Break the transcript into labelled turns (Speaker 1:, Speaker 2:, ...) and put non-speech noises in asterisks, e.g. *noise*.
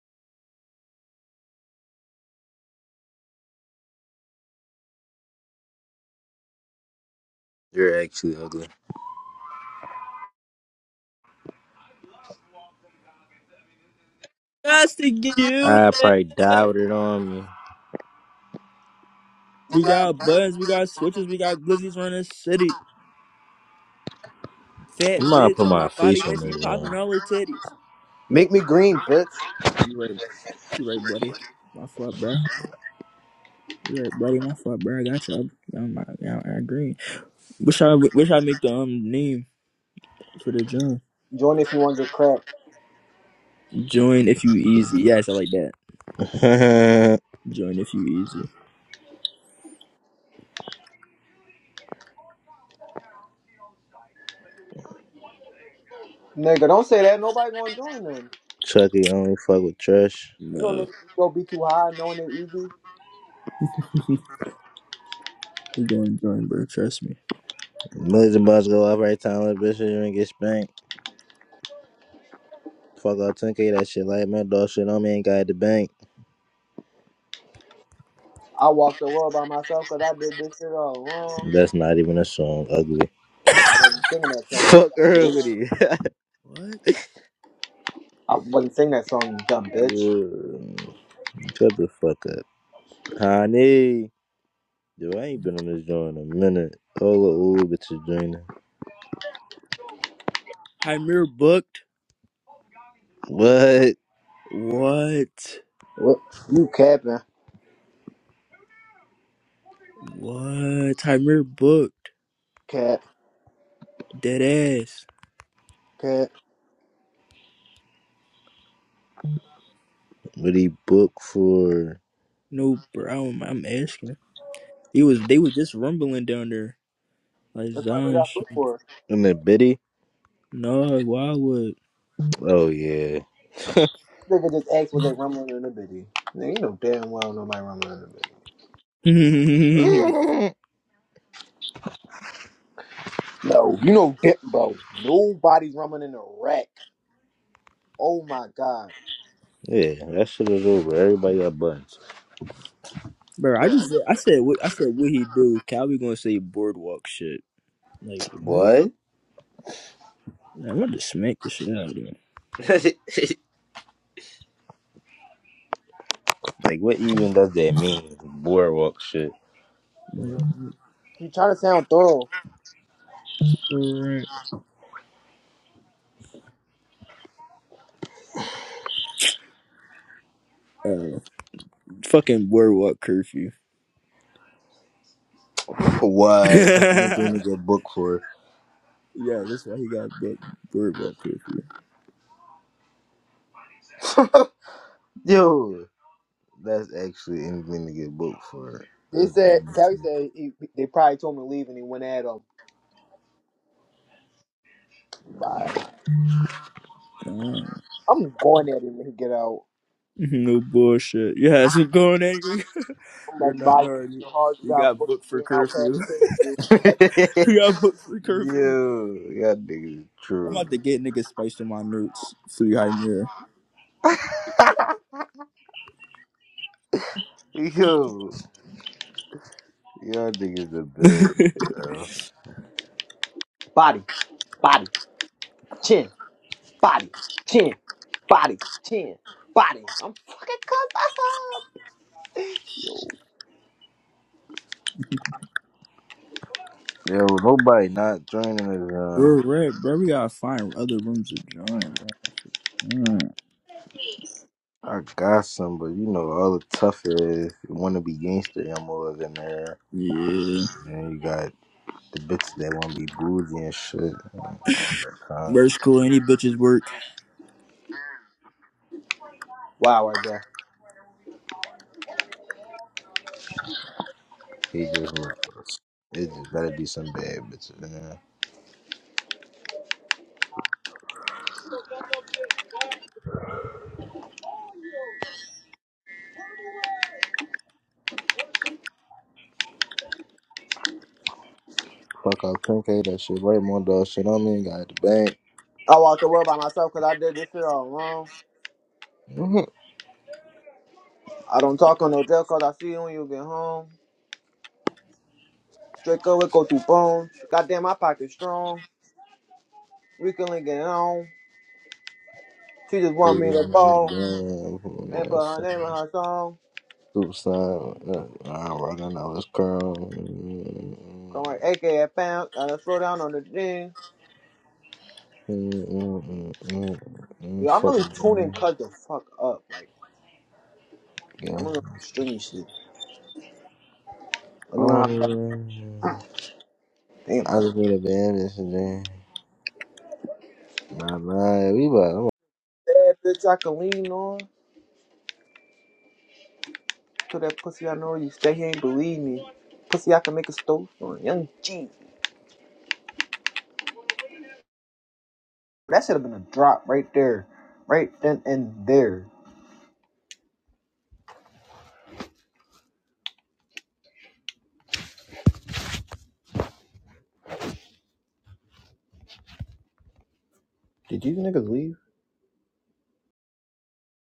Speaker 1: You're actually ugly.
Speaker 2: Just to get you.
Speaker 1: I probably die with it on me.
Speaker 2: We got buttons, we got switches, we got glizzies running city. Fat
Speaker 1: I'm gonna
Speaker 2: bitch
Speaker 1: put
Speaker 2: on my
Speaker 1: my face
Speaker 2: body and
Speaker 1: on
Speaker 2: she
Speaker 1: this
Speaker 2: popping all her
Speaker 1: one.
Speaker 2: titties.
Speaker 3: Make me green, bitch.
Speaker 2: You right, you right, buddy. My fault, bro. You right, buddy. My fault, bro. I got y'all. Y'all, my, y'all I agree. Wish I wish I make the um name for the join.
Speaker 3: Join if you want to get cracked.
Speaker 2: Join if you easy. Yes, I like that.
Speaker 1: *laughs*
Speaker 2: Join if you easy.
Speaker 3: Nigga, don't say that. Nobody gonna join them.
Speaker 1: Chucky only fuck with trash.
Speaker 3: You know,
Speaker 2: No,
Speaker 3: nigga, you go be too high knowing it easy.
Speaker 2: *laughs* we going to join, bro. Trust me.
Speaker 1: Millions of bucks go off right time, little bitch, you ain't get spanked. Fuck off 10k, that shit like my dog shit on me ain't got the bank.
Speaker 3: I walked the world by myself 'cause I did this shit all alone.
Speaker 1: That's not even a song, ugly.
Speaker 3: I wasn't singing that song, you
Speaker 1: Fuck
Speaker 3: dumb bitch.
Speaker 1: ugly. *laughs*
Speaker 2: What?
Speaker 3: I wasn't singing that song, you dumb bitch.
Speaker 1: Yeah. Shut the fuck up. Honey. Dude, I ain't been on this joint in a minute. All the old bitches joining.
Speaker 2: Hymir booked.
Speaker 1: What?
Speaker 2: What?
Speaker 3: What? You capping.
Speaker 2: What? Hymir booked.
Speaker 3: Cap.
Speaker 2: Dead ass.
Speaker 3: Cap.
Speaker 1: What he booked for?
Speaker 2: No, bro. I'm, I'm asking. He was. They was just rumbling down there. Like
Speaker 3: That's why we
Speaker 2: Zion.
Speaker 3: got
Speaker 2: shit.
Speaker 3: booked for.
Speaker 1: In the biddy?
Speaker 2: No, why would?
Speaker 1: Oh yeah,
Speaker 3: Nigga just asked was they rumbling in the bitty. Nigga, you know damn well nobody rumbling in the bitty.
Speaker 2: *laughs*
Speaker 3: No, you know damn, bro. Nobody's rumbling in the rack. Oh my god.
Speaker 1: yeah. That shit is over. Everybody got buns.
Speaker 2: bro, I just. Said, I said. What I said. What he do? Calvin gonna say boardwalk shit. Like what?
Speaker 1: What?
Speaker 2: I am want to smack the shit out of him.
Speaker 1: *laughs* Like, what even does that mean? Boardwalk shit.
Speaker 2: Like,
Speaker 3: You trying to sound thorough.
Speaker 2: alright. Uh, fucking boardwalk curfew. *laughs*
Speaker 1: what? That's
Speaker 2: yeah,
Speaker 1: anything to get booked for.
Speaker 2: that's why he got book boardwalk curfew.
Speaker 1: Yo, that's actually anything to get booked for.
Speaker 3: They
Speaker 1: That's
Speaker 3: said
Speaker 1: dumb.
Speaker 3: Callie said he, they probably told him to leave and he went at him. Bye. I'm going at him when he get out.
Speaker 2: *laughs* No bullshit. Yeah, had going angry. *laughs*
Speaker 3: I'm
Speaker 2: You're
Speaker 3: like,
Speaker 2: not
Speaker 3: body,
Speaker 2: hard. You
Speaker 3: you're hard. You
Speaker 2: you
Speaker 3: got
Speaker 2: got
Speaker 3: books for
Speaker 2: booked for
Speaker 3: being out
Speaker 2: curfew.
Speaker 3: past curfew.
Speaker 1: *laughs*
Speaker 2: *laughs* you got booked for curfew.
Speaker 1: Yo, y'all niggas
Speaker 2: I'm
Speaker 1: true.
Speaker 2: about to get niggas spiced in my notes. Free Hymir.
Speaker 1: Yo, y'all niggas the
Speaker 2: *laughs*
Speaker 1: best, bro.
Speaker 3: Body, body, chin, body, chin, body, chin, body. I'm fucking cussed up.
Speaker 1: Yo, nobody not joining us,
Speaker 2: We're
Speaker 1: uh,
Speaker 2: red, bro. We gotta find other rooms to join, bro. Mm.
Speaker 1: I got some, but you know, all the tough ass wanna be gangster MOs in there.
Speaker 2: Yeah.
Speaker 1: And you got the bitches that want to be bougie and shit. All that kind.
Speaker 2: Bro, it's cool. Any bitches work.
Speaker 3: Wow, right there.
Speaker 1: He just ruthless. It just gotta be some bad bitches, man. Fuck out Pink ate that shit right, more dog shit. I mean, got the bank.
Speaker 3: I walked the world by myself 'cause I did this shit all alone.
Speaker 1: Mhm.
Speaker 3: I don't talk on no jail jail 'cause I see you when you get home. Straight up, we go through phones. Goddamn, my pocket strong. We can link it on. She just want me to
Speaker 1: Shit,
Speaker 3: ball.
Speaker 1: Damn,
Speaker 3: and put
Speaker 1: yeah,
Speaker 3: her name
Speaker 1: son.
Speaker 3: on her song.
Speaker 1: Soup sign. uh, I'm running out this curl.
Speaker 3: Come on, AKA Pound. Gotta slow down on the thing. Yo, I'm really
Speaker 1: Fucking
Speaker 3: tuning
Speaker 1: man.
Speaker 3: Cuz the fuck up. Like,
Speaker 1: Yeah.
Speaker 3: I'm gonna learn some stringy shit. Let
Speaker 1: I
Speaker 3: me learn
Speaker 1: don't
Speaker 3: how to
Speaker 1: even.
Speaker 3: damn
Speaker 1: I
Speaker 3: Cuz.
Speaker 1: just need a bad bitch, man. My mind, we about.
Speaker 3: That bitch I can lean on. To that pussy I know you stay here ain't believe me. Pussy I can make a stove on. Young G. That should have been a drop right there. Right then and there. Did you niggas leave?